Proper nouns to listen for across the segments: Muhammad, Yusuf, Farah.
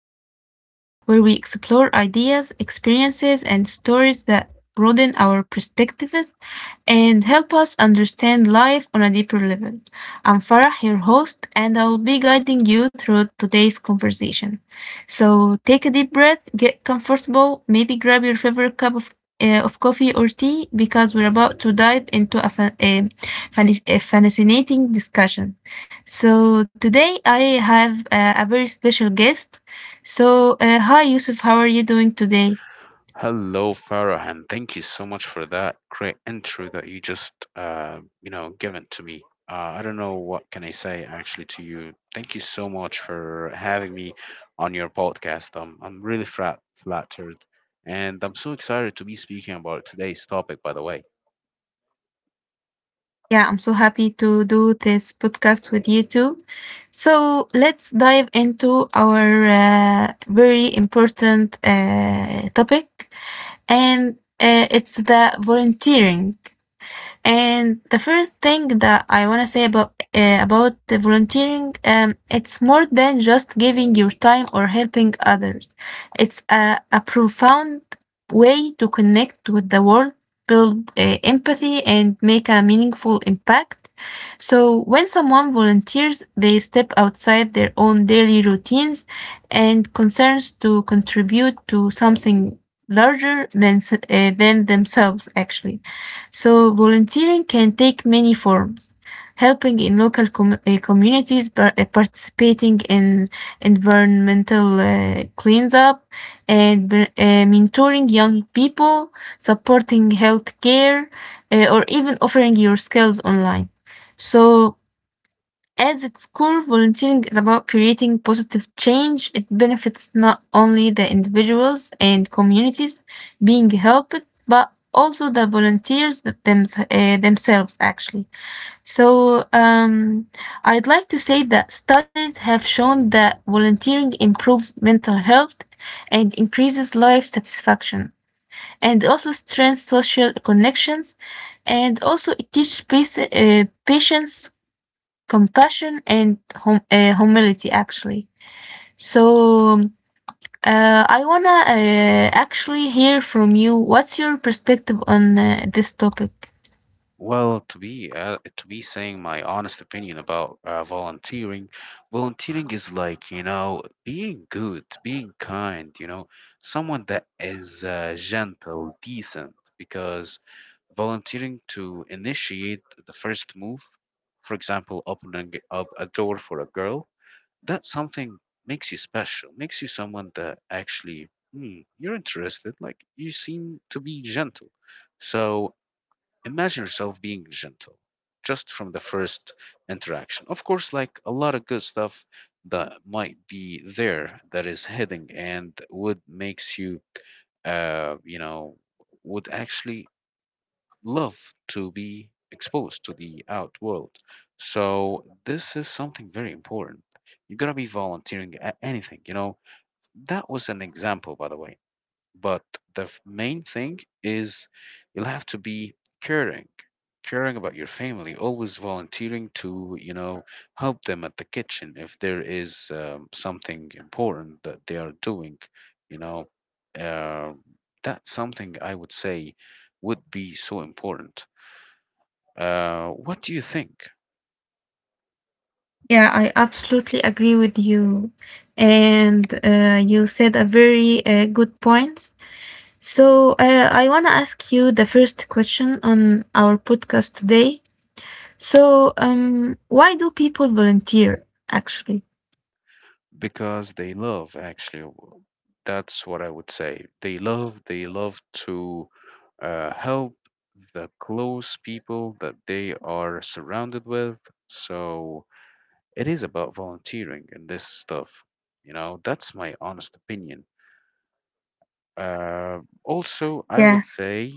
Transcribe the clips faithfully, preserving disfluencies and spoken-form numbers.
podcast where we explore ideas, experiences, and stories that broaden our perspectives and help us understand life on a deeper level. I'm Farah, your host, and I will be guiding you through today's conversation. So take a deep breath, get comfortable, maybe grab your favorite cup of uh, of coffee or tea because we're about to dive into a, fa- a, fan- a fascinating discussion. So today I have uh, a very special guest. So uh, hi Yusuf, how are you doing today? Hello, Farah, and thank you so much for that great intro that you just, uh, you know, given to me. Uh, I don't know what can I say actually to you. Thank you so much for having me on your podcast. Um, I'm really flat, flattered, and I'm so excited to be speaking about today's topic, by the way. Yeah, I'm so happy to do this podcast with you too. So let's dive into our uh, very important uh, topic, and uh, it's the volunteering. And the first thing that I want to say about uh, about the volunteering, um, it's more than just giving your time or helping others. It's a, a profound way to connect with the world, build uh, empathy, and make a meaningful impact. So when someone volunteers, they step outside their own daily routines and concerns to contribute to something larger than s- uh, than themselves, actually. So volunteering can take many forms. Helping in local com- uh, communities, par- uh, participating in environmental uh, cleanup, and uh, mentoring young people, supporting healthcare, uh, or even offering your skills online. So as its core, volunteering is about creating positive change. It benefits not only the individuals and communities being helped, but also the volunteers th- thems- uh, themselves, actually. So, um, I'd like to say that studies have shown that volunteering improves mental health and increases life satisfaction, and also strengthens social connections, and also it teaches pace- uh, patience, compassion, and hum- uh, humility actually. So um, uh, I wanna uh, actually hear from you, what's your perspective on uh, this topic? Well, to be uh, to be saying my honest opinion about uh, volunteering, volunteering is like, you know, being good, being kind, you know, someone that is uh, gentle, decent, because volunteering to initiate the first move, for example, opening up a door for a girl, that something makes you special, makes you someone that actually, hmm, you're interested, like you seem to be gentle. So imagine yourself being gentle just from the first interaction. Of course, like a lot of good stuff that might be there that is hidden and would makes you, uh, you know, would actually love to be exposed to the out world. So this is something very important. You gotta be volunteering at anything, you know. That was an example, by the way. But the f- main thing is you'll have to be caring, caring about your family, always volunteering to, you know, help them at the kitchen if there is um, something important that they are doing, you know. Uh, that's something I would say would be so important. Uh, what do you think? Yeah, I absolutely agree with you, and uh, you said a very uh, good points. So uh, I wanna ask you the first question on our podcast today. So um, why do people volunteer actually? Because they love actually w- that's what I would say, they love, they love to uh, help the close people that they are surrounded with. So it is about volunteering and this stuff, you know, that's my honest opinion. uh, Also, I Yeah. would say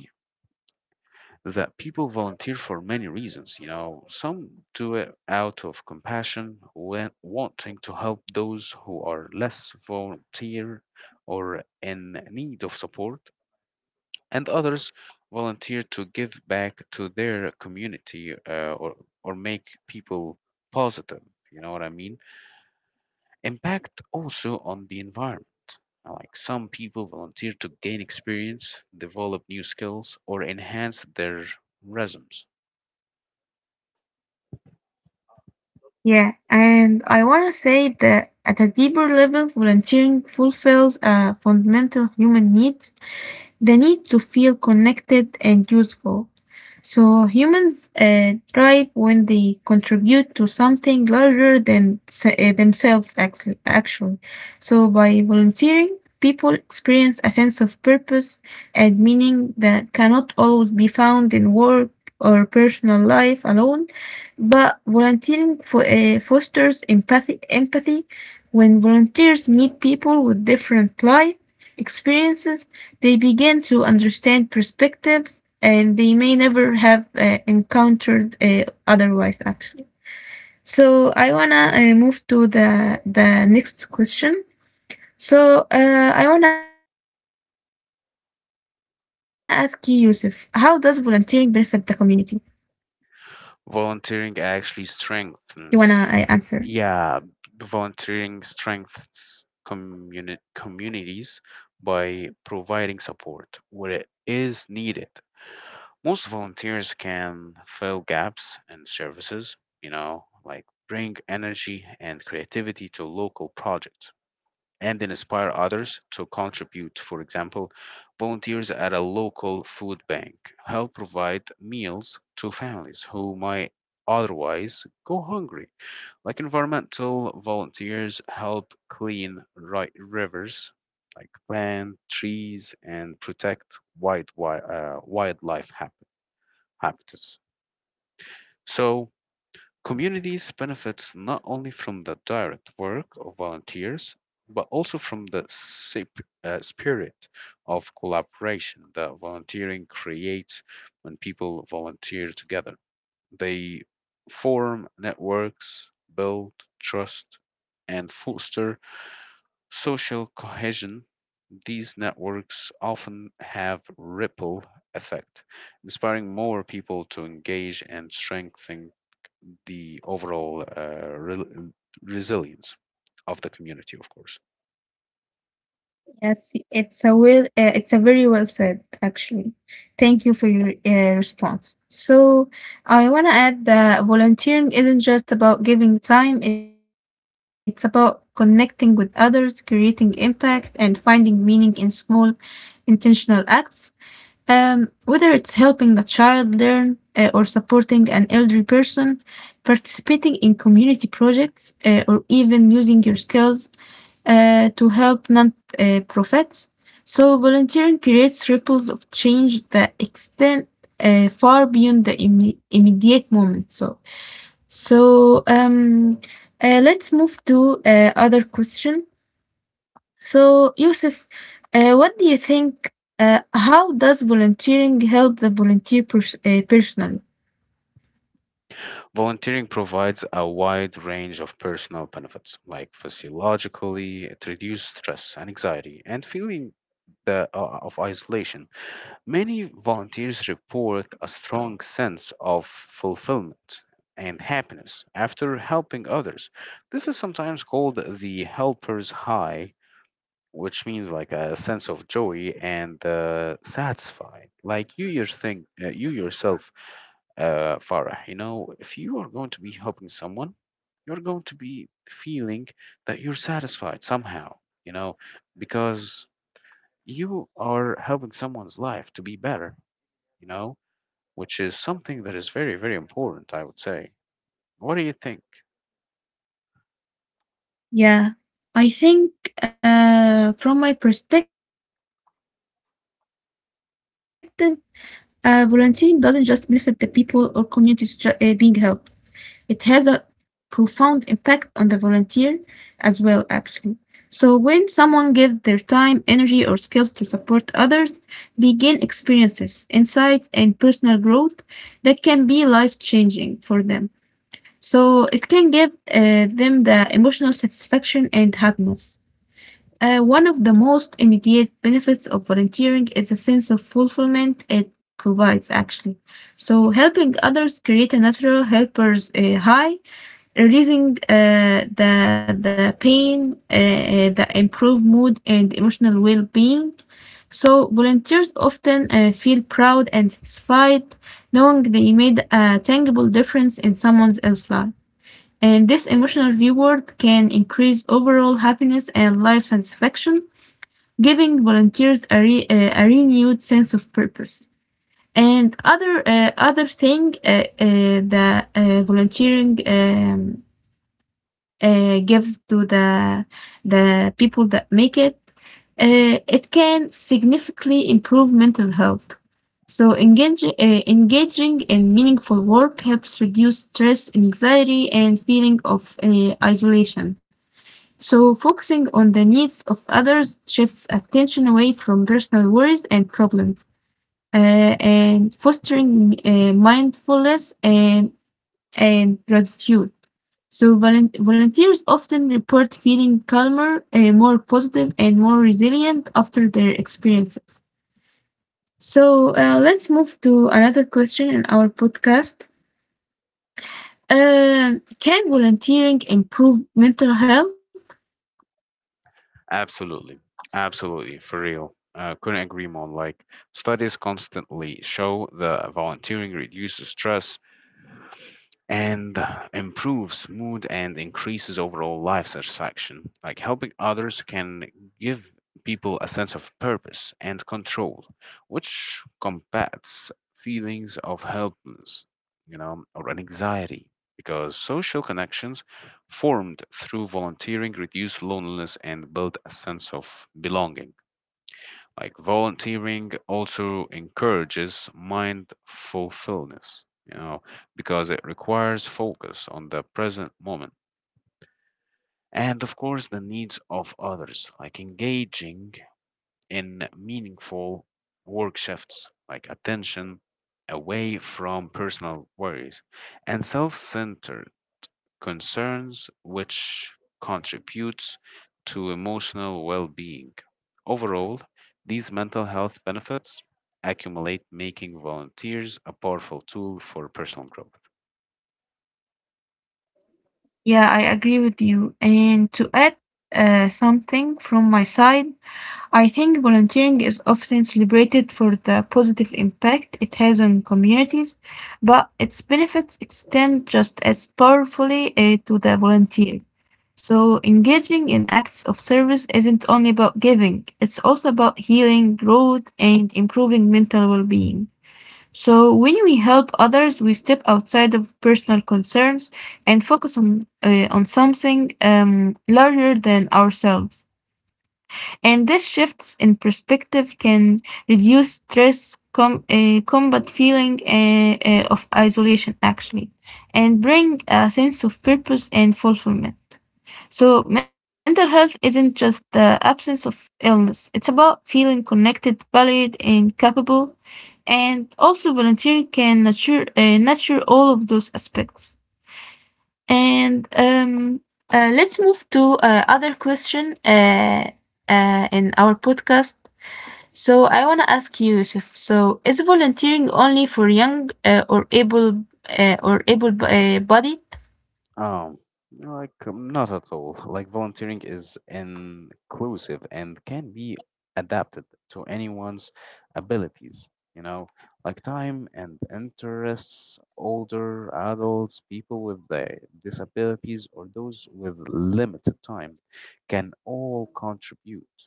that people volunteer for many reasons. You know, some do it out of compassion, when wanting to help those who are less volunteer or in need of support, and others volunteer to give back to their community uh, or or make people positive. You know what I mean? Impact also on the environment. Like some people volunteer to gain experience, develop new skills, or enhance their resumes. Yeah, and I want to say that at a deeper level, volunteering fulfills a fundamental human need, the need to feel connected and useful. So humans uh, thrive when they contribute to something larger than s- uh, themselves, actually, actually. So by volunteering, people experience a sense of purpose and meaning that cannot always be found in work or personal life alone. But volunteering for, uh, fosters empathy, empathy when volunteers meet people with different life experiences, they begin to understand perspectives and they may never have uh, encountered uh, otherwise, actually. So I wanna uh, move to the the next question. So uh, I wanna ask you, Yusuf, how does volunteering benefit the community? You Volunteering wanna uh, actually answer? strengthens. Yeah, volunteering strengths communi- communities by providing support where it is needed most. Volunteers can fill gaps in services, you know, like bring energy and creativity to local projects and inspire others to contribute. For example, volunteers at a local food bank help provide meals to families who might otherwise go hungry. Like environmental volunteers help clean ri- rivers, like plant trees and protect wild, wi- uh, wildlife hab- habitats. So communities benefits not only from the direct work of volunteers, but also from the sip- uh, spirit of collaboration that volunteering creates when people volunteer together. They form networks, build trust, and foster social cohesion. These networks often have ripple effect, inspiring more people to engage and strengthening the overall uh, rel- resilience of the community, of course. Yes, it's a well, uh, it's a very well said, actually. Thank you for your uh, response. So, I want to add that volunteering isn't just about giving time, it's about connecting with others, creating impact, and finding meaning in small, intentional acts. Um, whether it's helping a child learn uh, or supporting an elderly person, participating in community projects, uh, or even using your skills uh, to help non-profits. So volunteering creates ripples of change that extend uh, far beyond the imme- immediate moment. So, so um, uh, let's move to uh, other question. So, Yusuf, uh, what do you think? Uh, how does volunteering help the volunteer pers- uh, personally? Volunteering provides a wide range of personal benefits, like physiologically, it reduces stress, and anxiety, and feeling the, uh, of isolation. Many volunteers report a strong sense of fulfillment and happiness after helping others. This is sometimes called the helper's high, which means like a sense of joy and uh, satisfied. Like you, your thing, uh, you yourself, uh, Farah. You know, if you are going to be helping someone, you're going to be feeling that you're satisfied somehow. You know, because you are helping someone's life to be better. You know, which is something that is very, very important, I would say. What do you think? Yeah, I think uh, from my perspective, uh, volunteering doesn't just benefit the people or communities ju- uh, being helped. It has a profound impact on the volunteer as well, actually. So, when someone gives their time, energy, or skills to support others, they gain experiences, insights, and personal growth that can be life changing for them. So, it can give uh, them the emotional satisfaction and happiness. Uh, one of the most immediate benefits of volunteering is a sense of fulfillment it provides, actually. So, helping others create a natural helper's uh, high, releasing uh, the, the pain, uh, uh, the improved mood, and emotional well being. So, volunteers often uh, feel proud and satisfied knowing they made a tangible difference in someone else's life. And this emotional reward can increase overall happiness and life satisfaction, giving volunteers a, re- uh, a renewed sense of purpose. And other uh, other thing, uh, uh, the uh, volunteering um, uh, gives to the the people that make it, uh, it can significantly improve mental health. So engage, uh, engaging in meaningful work helps reduce stress, anxiety, and feeling of uh, isolation. So focusing on the needs of others shifts attention away from personal worries and problems, uh, and fostering uh, mindfulness and and gratitude. So volun- volunteers often report feeling calmer, uh, more positive, and more resilient after their experiences. So uh, let's move to another question in our podcast. Um, can volunteering improve mental health? Absolutely. Absolutely. For real. Uh, couldn't agree more. Like, studies constantly show that volunteering reduces stress and improves mood and increases overall life satisfaction. Like helping others can give people a sense of purpose and control, which combats feelings of helplessness, you know, or anxiety. Because social connections formed through volunteering reduce loneliness and build a sense of belonging. Like volunteering also encourages mindfulness, you know, because it requires focus on the present moment. And of course, the needs of others, like engaging in meaningful work shifts, like attention away from personal worries and self centered concerns, which contributes to emotional well being. Overall, these mental health benefits accumulate, making volunteers a powerful tool for personal growth. Yeah, I agree with you. And to add uh, something from my side, I think volunteering is often celebrated for the positive impact it has on communities, but its benefits extend just as powerfully uh, to the volunteer. So, engaging in acts of service isn't only about giving, it's also about healing, growth, and improving mental well being. So, when we help others, we step outside of personal concerns and focus on, uh, on something um, larger than ourselves. And this shifts in perspective can reduce stress, com- uh, combat feeling uh, uh, of isolation, actually, and bring a sense of purpose and fulfillment. So, mental health isn't just the absence of illness, it's about feeling connected, valued, and capable. And also, volunteering can nurture, uh, nurture all of those aspects. And um, uh, Let's move to uh, other question uh, uh, in our podcast. So I want to ask you, Yusuf, so is volunteering only for young uh, or able uh, or able uh, bodied? Um, like um, Not at all. Like volunteering is inclusive and can be adapted to anyone's abilities, you know, like time and interests, older adults, people with uh, disabilities, or those with limited time can all contribute.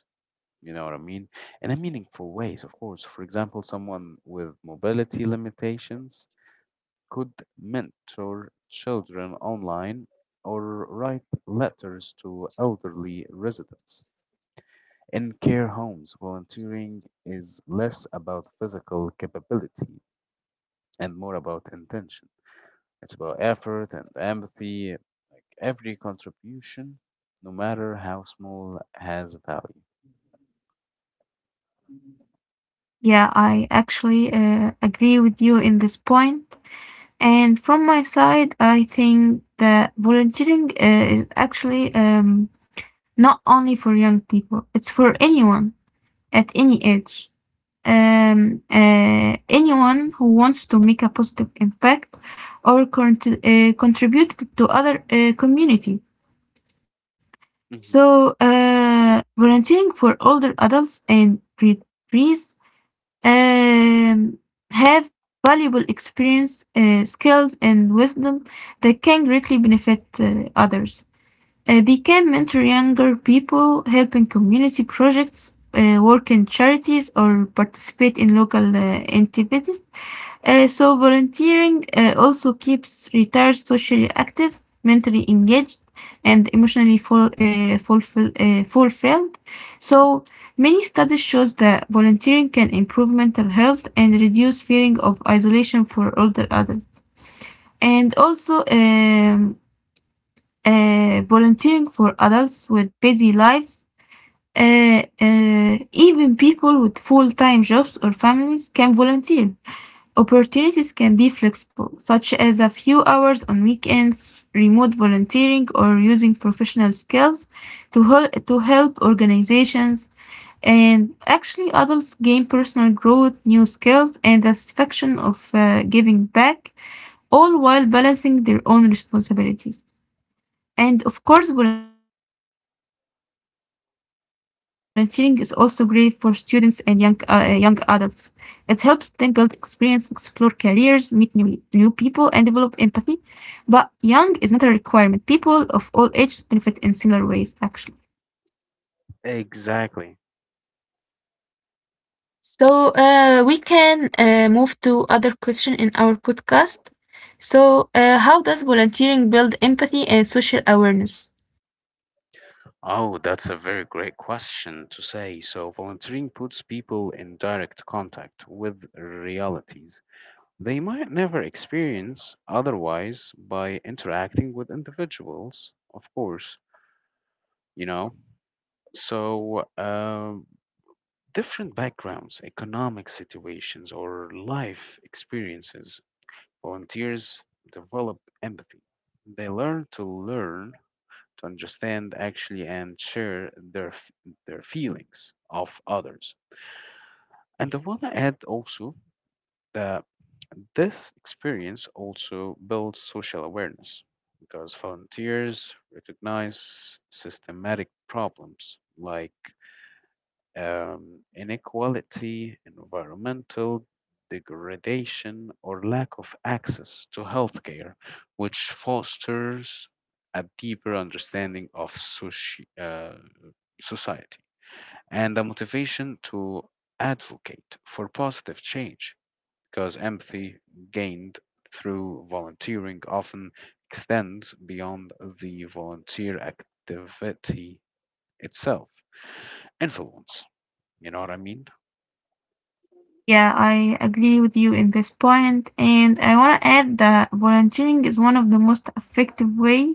You know what I mean? And in a meaningful ways, of course. For example, someone with mobility limitations could mentor children online or write letters to elderly residents. In care homes, volunteering is less about physical capability and more about intention. It's about effort and empathy. Like every contribution, no matter how small, has value. Yeah, I actually uh, agree with you in this point. And from my side, I think that volunteering uh, is actually um, not only for young people, it's for anyone at any age. Um, uh, anyone who wants to make a positive impact or cont- uh, contribute to other uh, community. Mhm. So uh, volunteering for older adults and retirees um, have valuable experience, uh, skills, and wisdom that can greatly benefit uh, others. Uh, they can mentor younger people, help in community projects, uh, work in charities, or participate in local uh, activities. Uh, so volunteering uh, also keeps retired socially active, mentally engaged, and emotionally full, uh, fulfill, uh, fulfilled. So many studies shows that volunteering can improve mental health and reduce feeling of isolation for older adults. And also um, uh, volunteering for adults with busy lives. Uh, uh, even people with full-time jobs or families can volunteer. Opportunities can be flexible, such as a few hours on weekends, remote volunteering, or using professional skills to, hel- to help organizations. And actually, adults gain personal growth, new skills, and the satisfaction of uh, giving back, all while balancing their own responsibilities. And of course, volunteering is also great for students and young, uh, uh, young adults. It helps them build experience, explore careers, meet new, new people, and develop empathy. But young is not a requirement. People of all ages benefit in similar ways, actually. Exactly. So uh, we can uh, move to other question in our podcast. So, uh, how does volunteering build empathy and social awareness? Oh, that's a very great question to say. So, volunteering puts people in direct contact with realities they might never experience otherwise by interacting with individuals, of course, you know. So, um different backgrounds, economic situations, or life experiences, volunteers develop empathy. They learn to learn to understand actually and share their f- their feelings of others. And I want to add also that this experience also builds social awareness because volunteers recognize systematic problems like um, inequality, environmental degradation, or lack of access to healthcare, which fosters a deeper understanding of soci- uh, society and a motivation to advocate for positive change, because empathy gained through volunteering often extends beyond the volunteer activity itself. Influence, you know what I mean? Yeah, I agree with you in this point, and I want to add that volunteering is one of the most effective way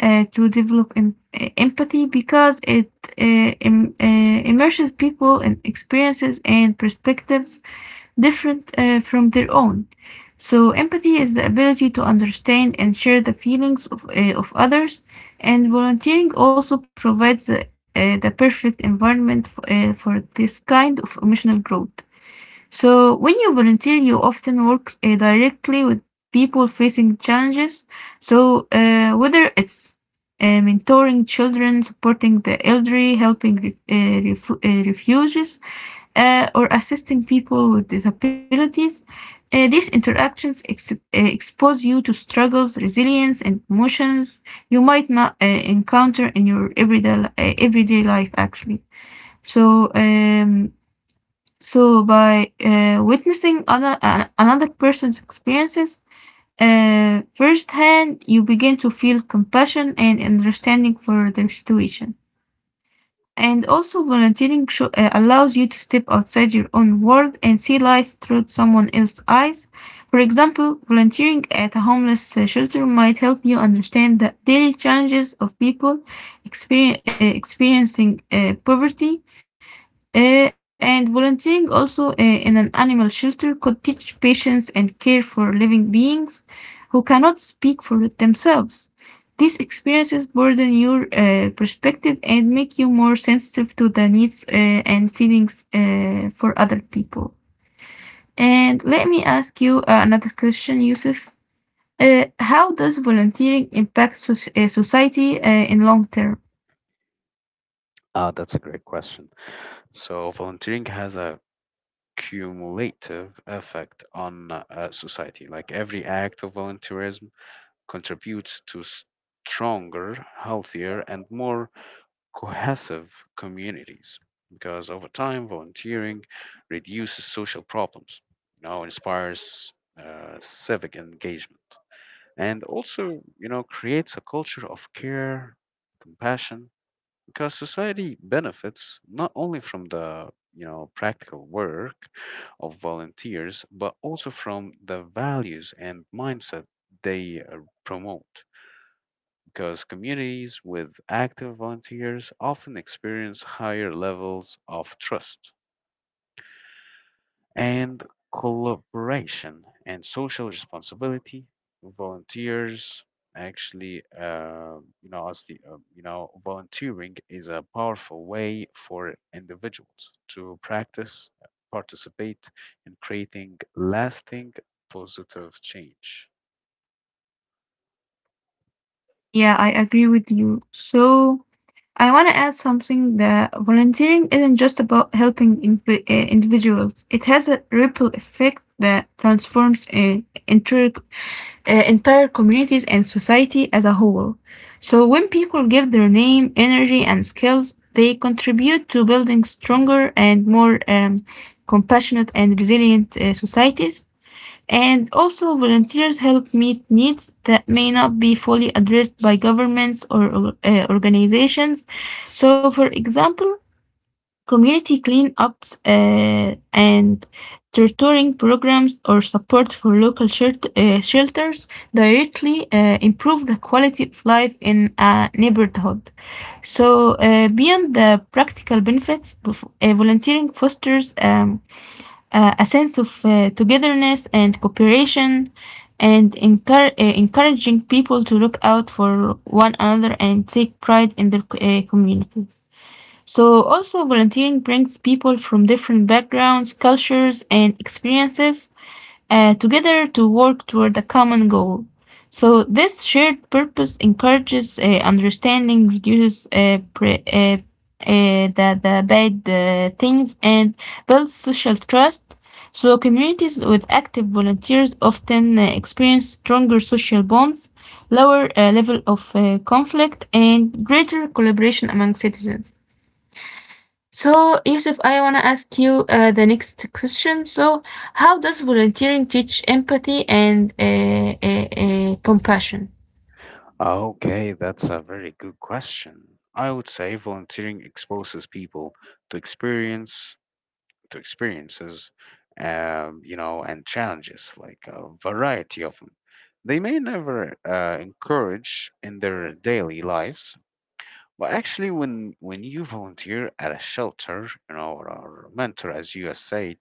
uh, to develop em- uh, empathy because it uh, im- uh, immerses people in experiences and perspectives different uh, from their own. So empathy is the ability to understand and share the feelings of, uh, of others, and volunteering also provides the, uh, the perfect environment f- uh, for this kind of emotional growth. So, when you volunteer, you often work uh, directly with people facing challenges. So, uh, whether it's uh, mentoring children, supporting the elderly, helping re- uh, ref- uh, refugees, uh, or assisting people with disabilities, uh, these interactions ex- uh, expose you to struggles, resilience, and emotions you might not uh, encounter in your everyday, li- uh, everyday life, actually. So, um, so by uh, witnessing other, an another person's experiences uh, firsthand, you begin to feel compassion and understanding for their situation. And also, volunteering sho- uh, allows you to step outside your own world and see life through someone else's eyes. For example, volunteering at a homeless uh, shelter might help you understand the daily challenges of people exper- uh, experiencing uh, poverty, uh, and volunteering also uh, in an animal shelter could teach patience and care for living beings who cannot speak for themselves. These experiences broaden your uh, perspective and make you more sensitive to the needs uh, and feelings uh, for other people. And let me ask you uh, another question, Yusuf. Uh, how does volunteering impact soc- uh, society uh, in long term? Ah, that's a great question. So, volunteering has a cumulative effect on uh, society. Like every act of volunteerism contributes to stronger, healthier, and more cohesive communities because over time, volunteering reduces social problems, you know, inspires uh, civic engagement, and also, you know, creates a culture of care, compassion, because society benefits not only from the, you know, practical work of volunteers but also from the values and mindset they uh, promote, because communities with active volunteers often experience higher levels of trust and collaboration and social responsibility. Volunteers actually, uh, you know, honestly, uh, you know, volunteering is a powerful way for individuals to practice, participate in creating lasting positive change. Yeah, I agree with you. So, I want to add something that volunteering isn't just about helping invi- uh, individuals. It has a ripple effect that transforms uh, entire, uh, entire communities and society as a whole. So when people give their name, energy, and skills, they contribute to building stronger and more um, compassionate and resilient uh, societies. And also, volunteers help meet needs that may not be fully addressed by governments or uh, organizations. So, for example, community cleanups uh, and tutoring programs or support for local shelt- uh, shelters directly uh, improve the quality of life in a neighborhood. So, uh, beyond the practical benefits, uh, volunteering fosters um, uh, a sense of uh, togetherness and cooperation and encour- uh, encouraging people to look out for one another and take pride in their uh, communities. So, also, volunteering brings people from different backgrounds, cultures, and experiences uh, together to work toward a common goal. So, this shared purpose encourages uh, understanding, reduces uh, pre- uh, uh, the, the bad uh, things, and builds social trust. So, communities with active volunteers often uh, experience stronger social bonds, lower uh, level of uh, conflict, and greater collaboration among citizens. So, Yusuf, I want to ask you uh, the next question. So, how does volunteering teach empathy and uh, uh, uh, compassion? Okay, that's a very good question. I would say volunteering exposes people to experience to experiences, um, you know, and challenges, like a variety of them. They may never uh, encourage in their daily lives, but actually, when when you volunteer at a shelter, you know, or, or a mentor, as you have said,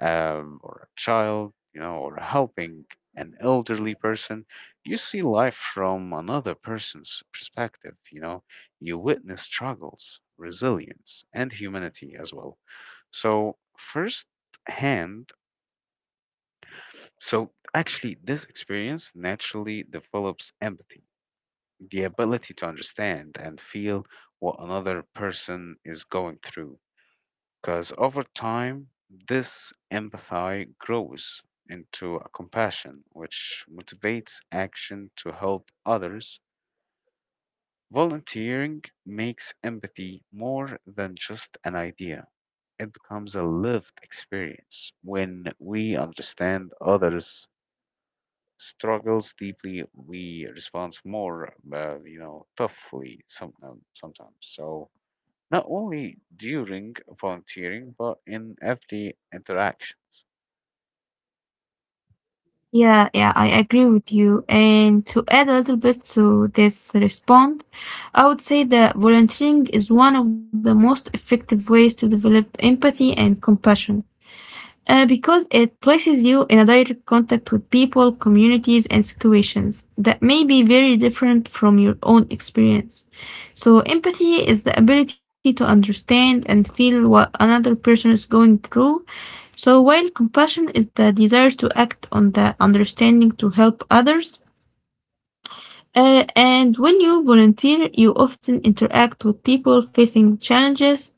um, or a child, you know, or helping an elderly person, you see life from another person's perspective. You know, you witness struggles, resilience, and humanity as well. So, first hand, so actually, this experience naturally develops empathy, the ability to understand and feel what another person is going through. Because over time, this empathy grows into a compassion, which motivates action to help others. Volunteering makes empathy more than just an idea. It becomes a lived experience. When we understand others' struggles deeply, we respond more, uh, you know, toughly some, um, sometimes. So not only during volunteering, but in every interactions. Yeah, yeah, I agree with you. And to add a little bit to this response, I would say that volunteering is one of the most effective ways to develop empathy and compassion. Uh, because it places you in a direct contact with people, communities, and situations that may be very different from your own experience. So, empathy is the ability to understand and feel what another person is going through. So, while compassion is the desire to act on the understanding to help others, uh, and when you volunteer, you often interact with people facing challenges,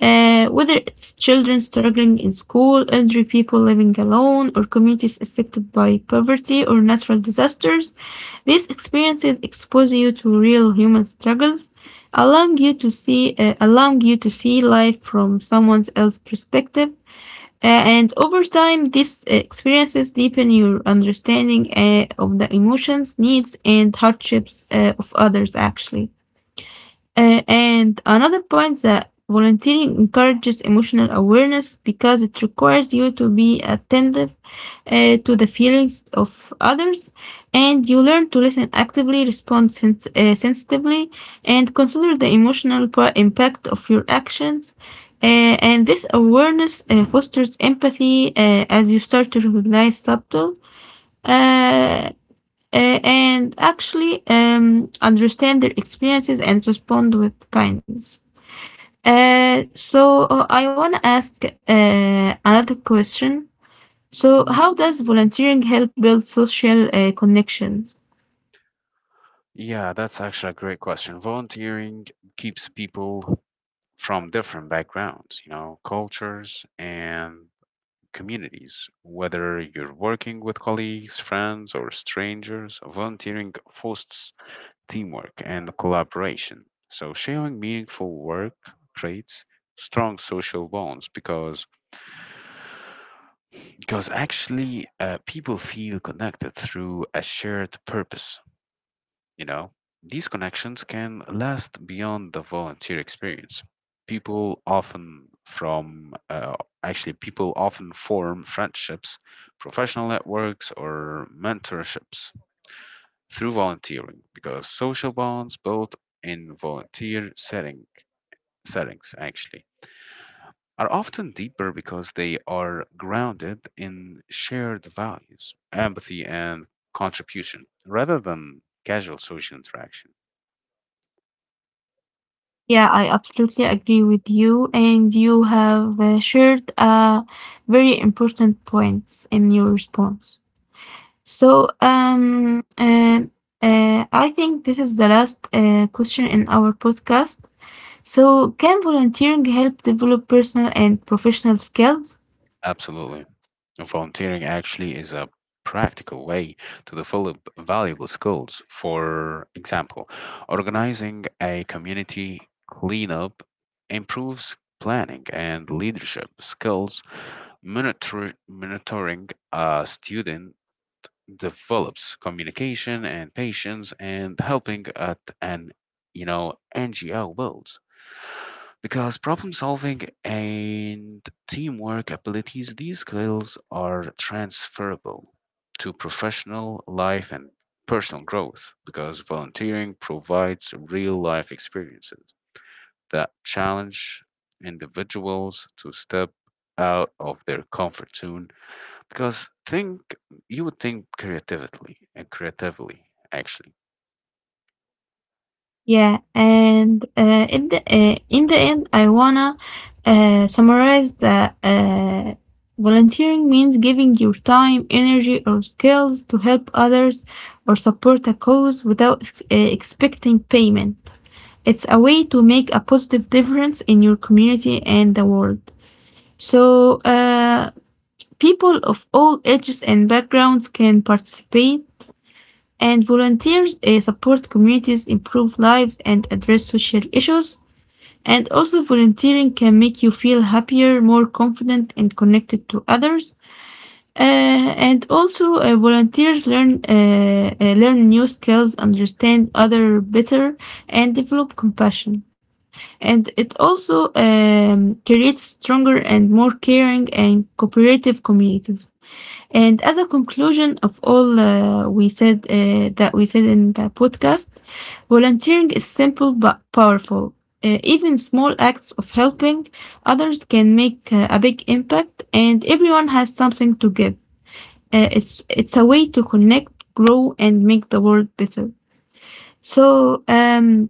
uh, whether it's children struggling in school, elderly people living alone, or communities affected by poverty or natural disasters. These experiences expose you to real human struggles, allowing you to see, uh, allowing you to see life from someone else's perspective. Uh, and over time, these experiences deepen your understanding uh, of the emotions, needs, and hardships uh, of others, actually. Uh, and another point that volunteering encourages emotional awareness because it requires you to be attentive uh, to the feelings of others and you learn to listen actively, respond sens- uh, sensitively, and consider the emotional pro- impact of your actions. Uh, and this awareness uh, fosters empathy uh, as you start to recognize subtle uh, uh, and actually um, understand their experiences and respond with kindness. Uh, so uh, I want to ask uh, another question. So how does volunteering help build social uh, connections? Yeah, that's actually a great question. Volunteering keeps people from different backgrounds, you know, cultures and communities. Whether you're working with colleagues, friends, or strangers, volunteering fosters teamwork, and collaboration. So, sharing meaningful work creates strong social bonds, because because actually uh, people feel connected through a shared purpose, you know. These connections can last beyond the volunteer experience. People often from uh, actually people often form friendships, professional networks or mentorships through volunteering, because social bonds built in volunteer setting, settings actually are often deeper because they are grounded in shared values, empathy, and contribution rather than casual social interaction. Yeah, I absolutely agree with you, and you have uh, shared uh, very important points in your response. So um, and uh, I think this is the last uh, question in our podcast. So, can volunteering help develop personal and professional skills? Absolutely. Volunteering actually is a practical way to develop valuable skills. For example, organizing a community cleanup improves planning and leadership skills. Monitor, monitoring a student develops communication and patience, and helping at an, you know, N G O builds because problem solving and teamwork abilities, these skills are transferable to professional life and personal growth, because volunteering provides real life experiences that challenge individuals to step out of their comfort zone, because think you would think creatively and creatively actually. Yeah, and uh, in the uh, in the end, I wanna uh, summarize that uh, volunteering means giving your time, energy, or skills to help others or support a cause without ex- uh, expecting payment. It's a way to make a positive difference in your community and the world. So, uh, people of all ages and backgrounds can participate and volunteers uh, support communities, improve lives, and address social issues. And also, volunteering can make you feel happier, more confident, and connected to others. Uh, and also, uh, volunteers learn uh, uh, learn new skills, understand other better, and develop compassion. And it also um, creates stronger and more caring and cooperative communities. And as a conclusion of all uh, we said uh, that we said in the podcast, volunteering is simple but powerful. Uh, even small acts of helping others can make uh, a big impact, and everyone has something to give. Uh, it's it's a way to connect, grow, and make the world better. So, um,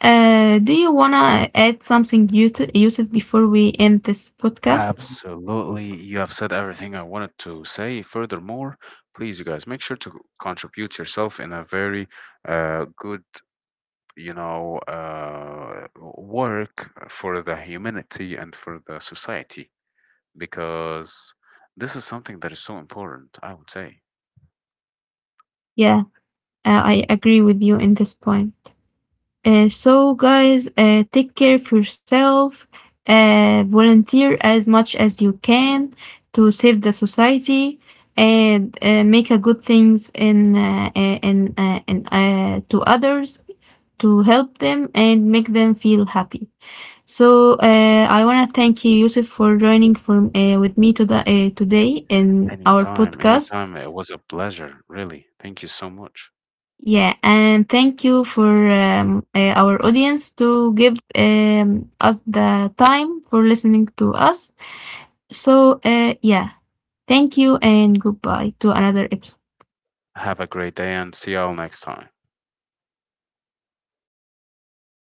uh, do you wanna add something, Yus- Yusuf, before we end this podcast? Absolutely. You have said everything I wanted to say. Furthermore, please, you guys, make sure to contribute yourself in a very uh, good, you know, uh, work for the humanity and for the society, because this is something that is so important, I would say. Yeah, uh, I agree with you in this point. Uh, Mhm. so, guys, uh, take care of yourself, uh, volunteer as much as you can to save the society, and uh, make a good things in uh, uh, in uh, in uh, to others to help them and make them feel happy. So, uh, I want to thank you, Yusuf, for joining for uh, with me to the, uh, today in our Anytime, podcast. anytime. It was a pleasure, really. Thank you so much. Yeah, and thank you for um, uh, our audience to give um, us the time for listening to us. So, uh, yeah, thank you and goodbye to another episode. Have a great day and see y'all next time.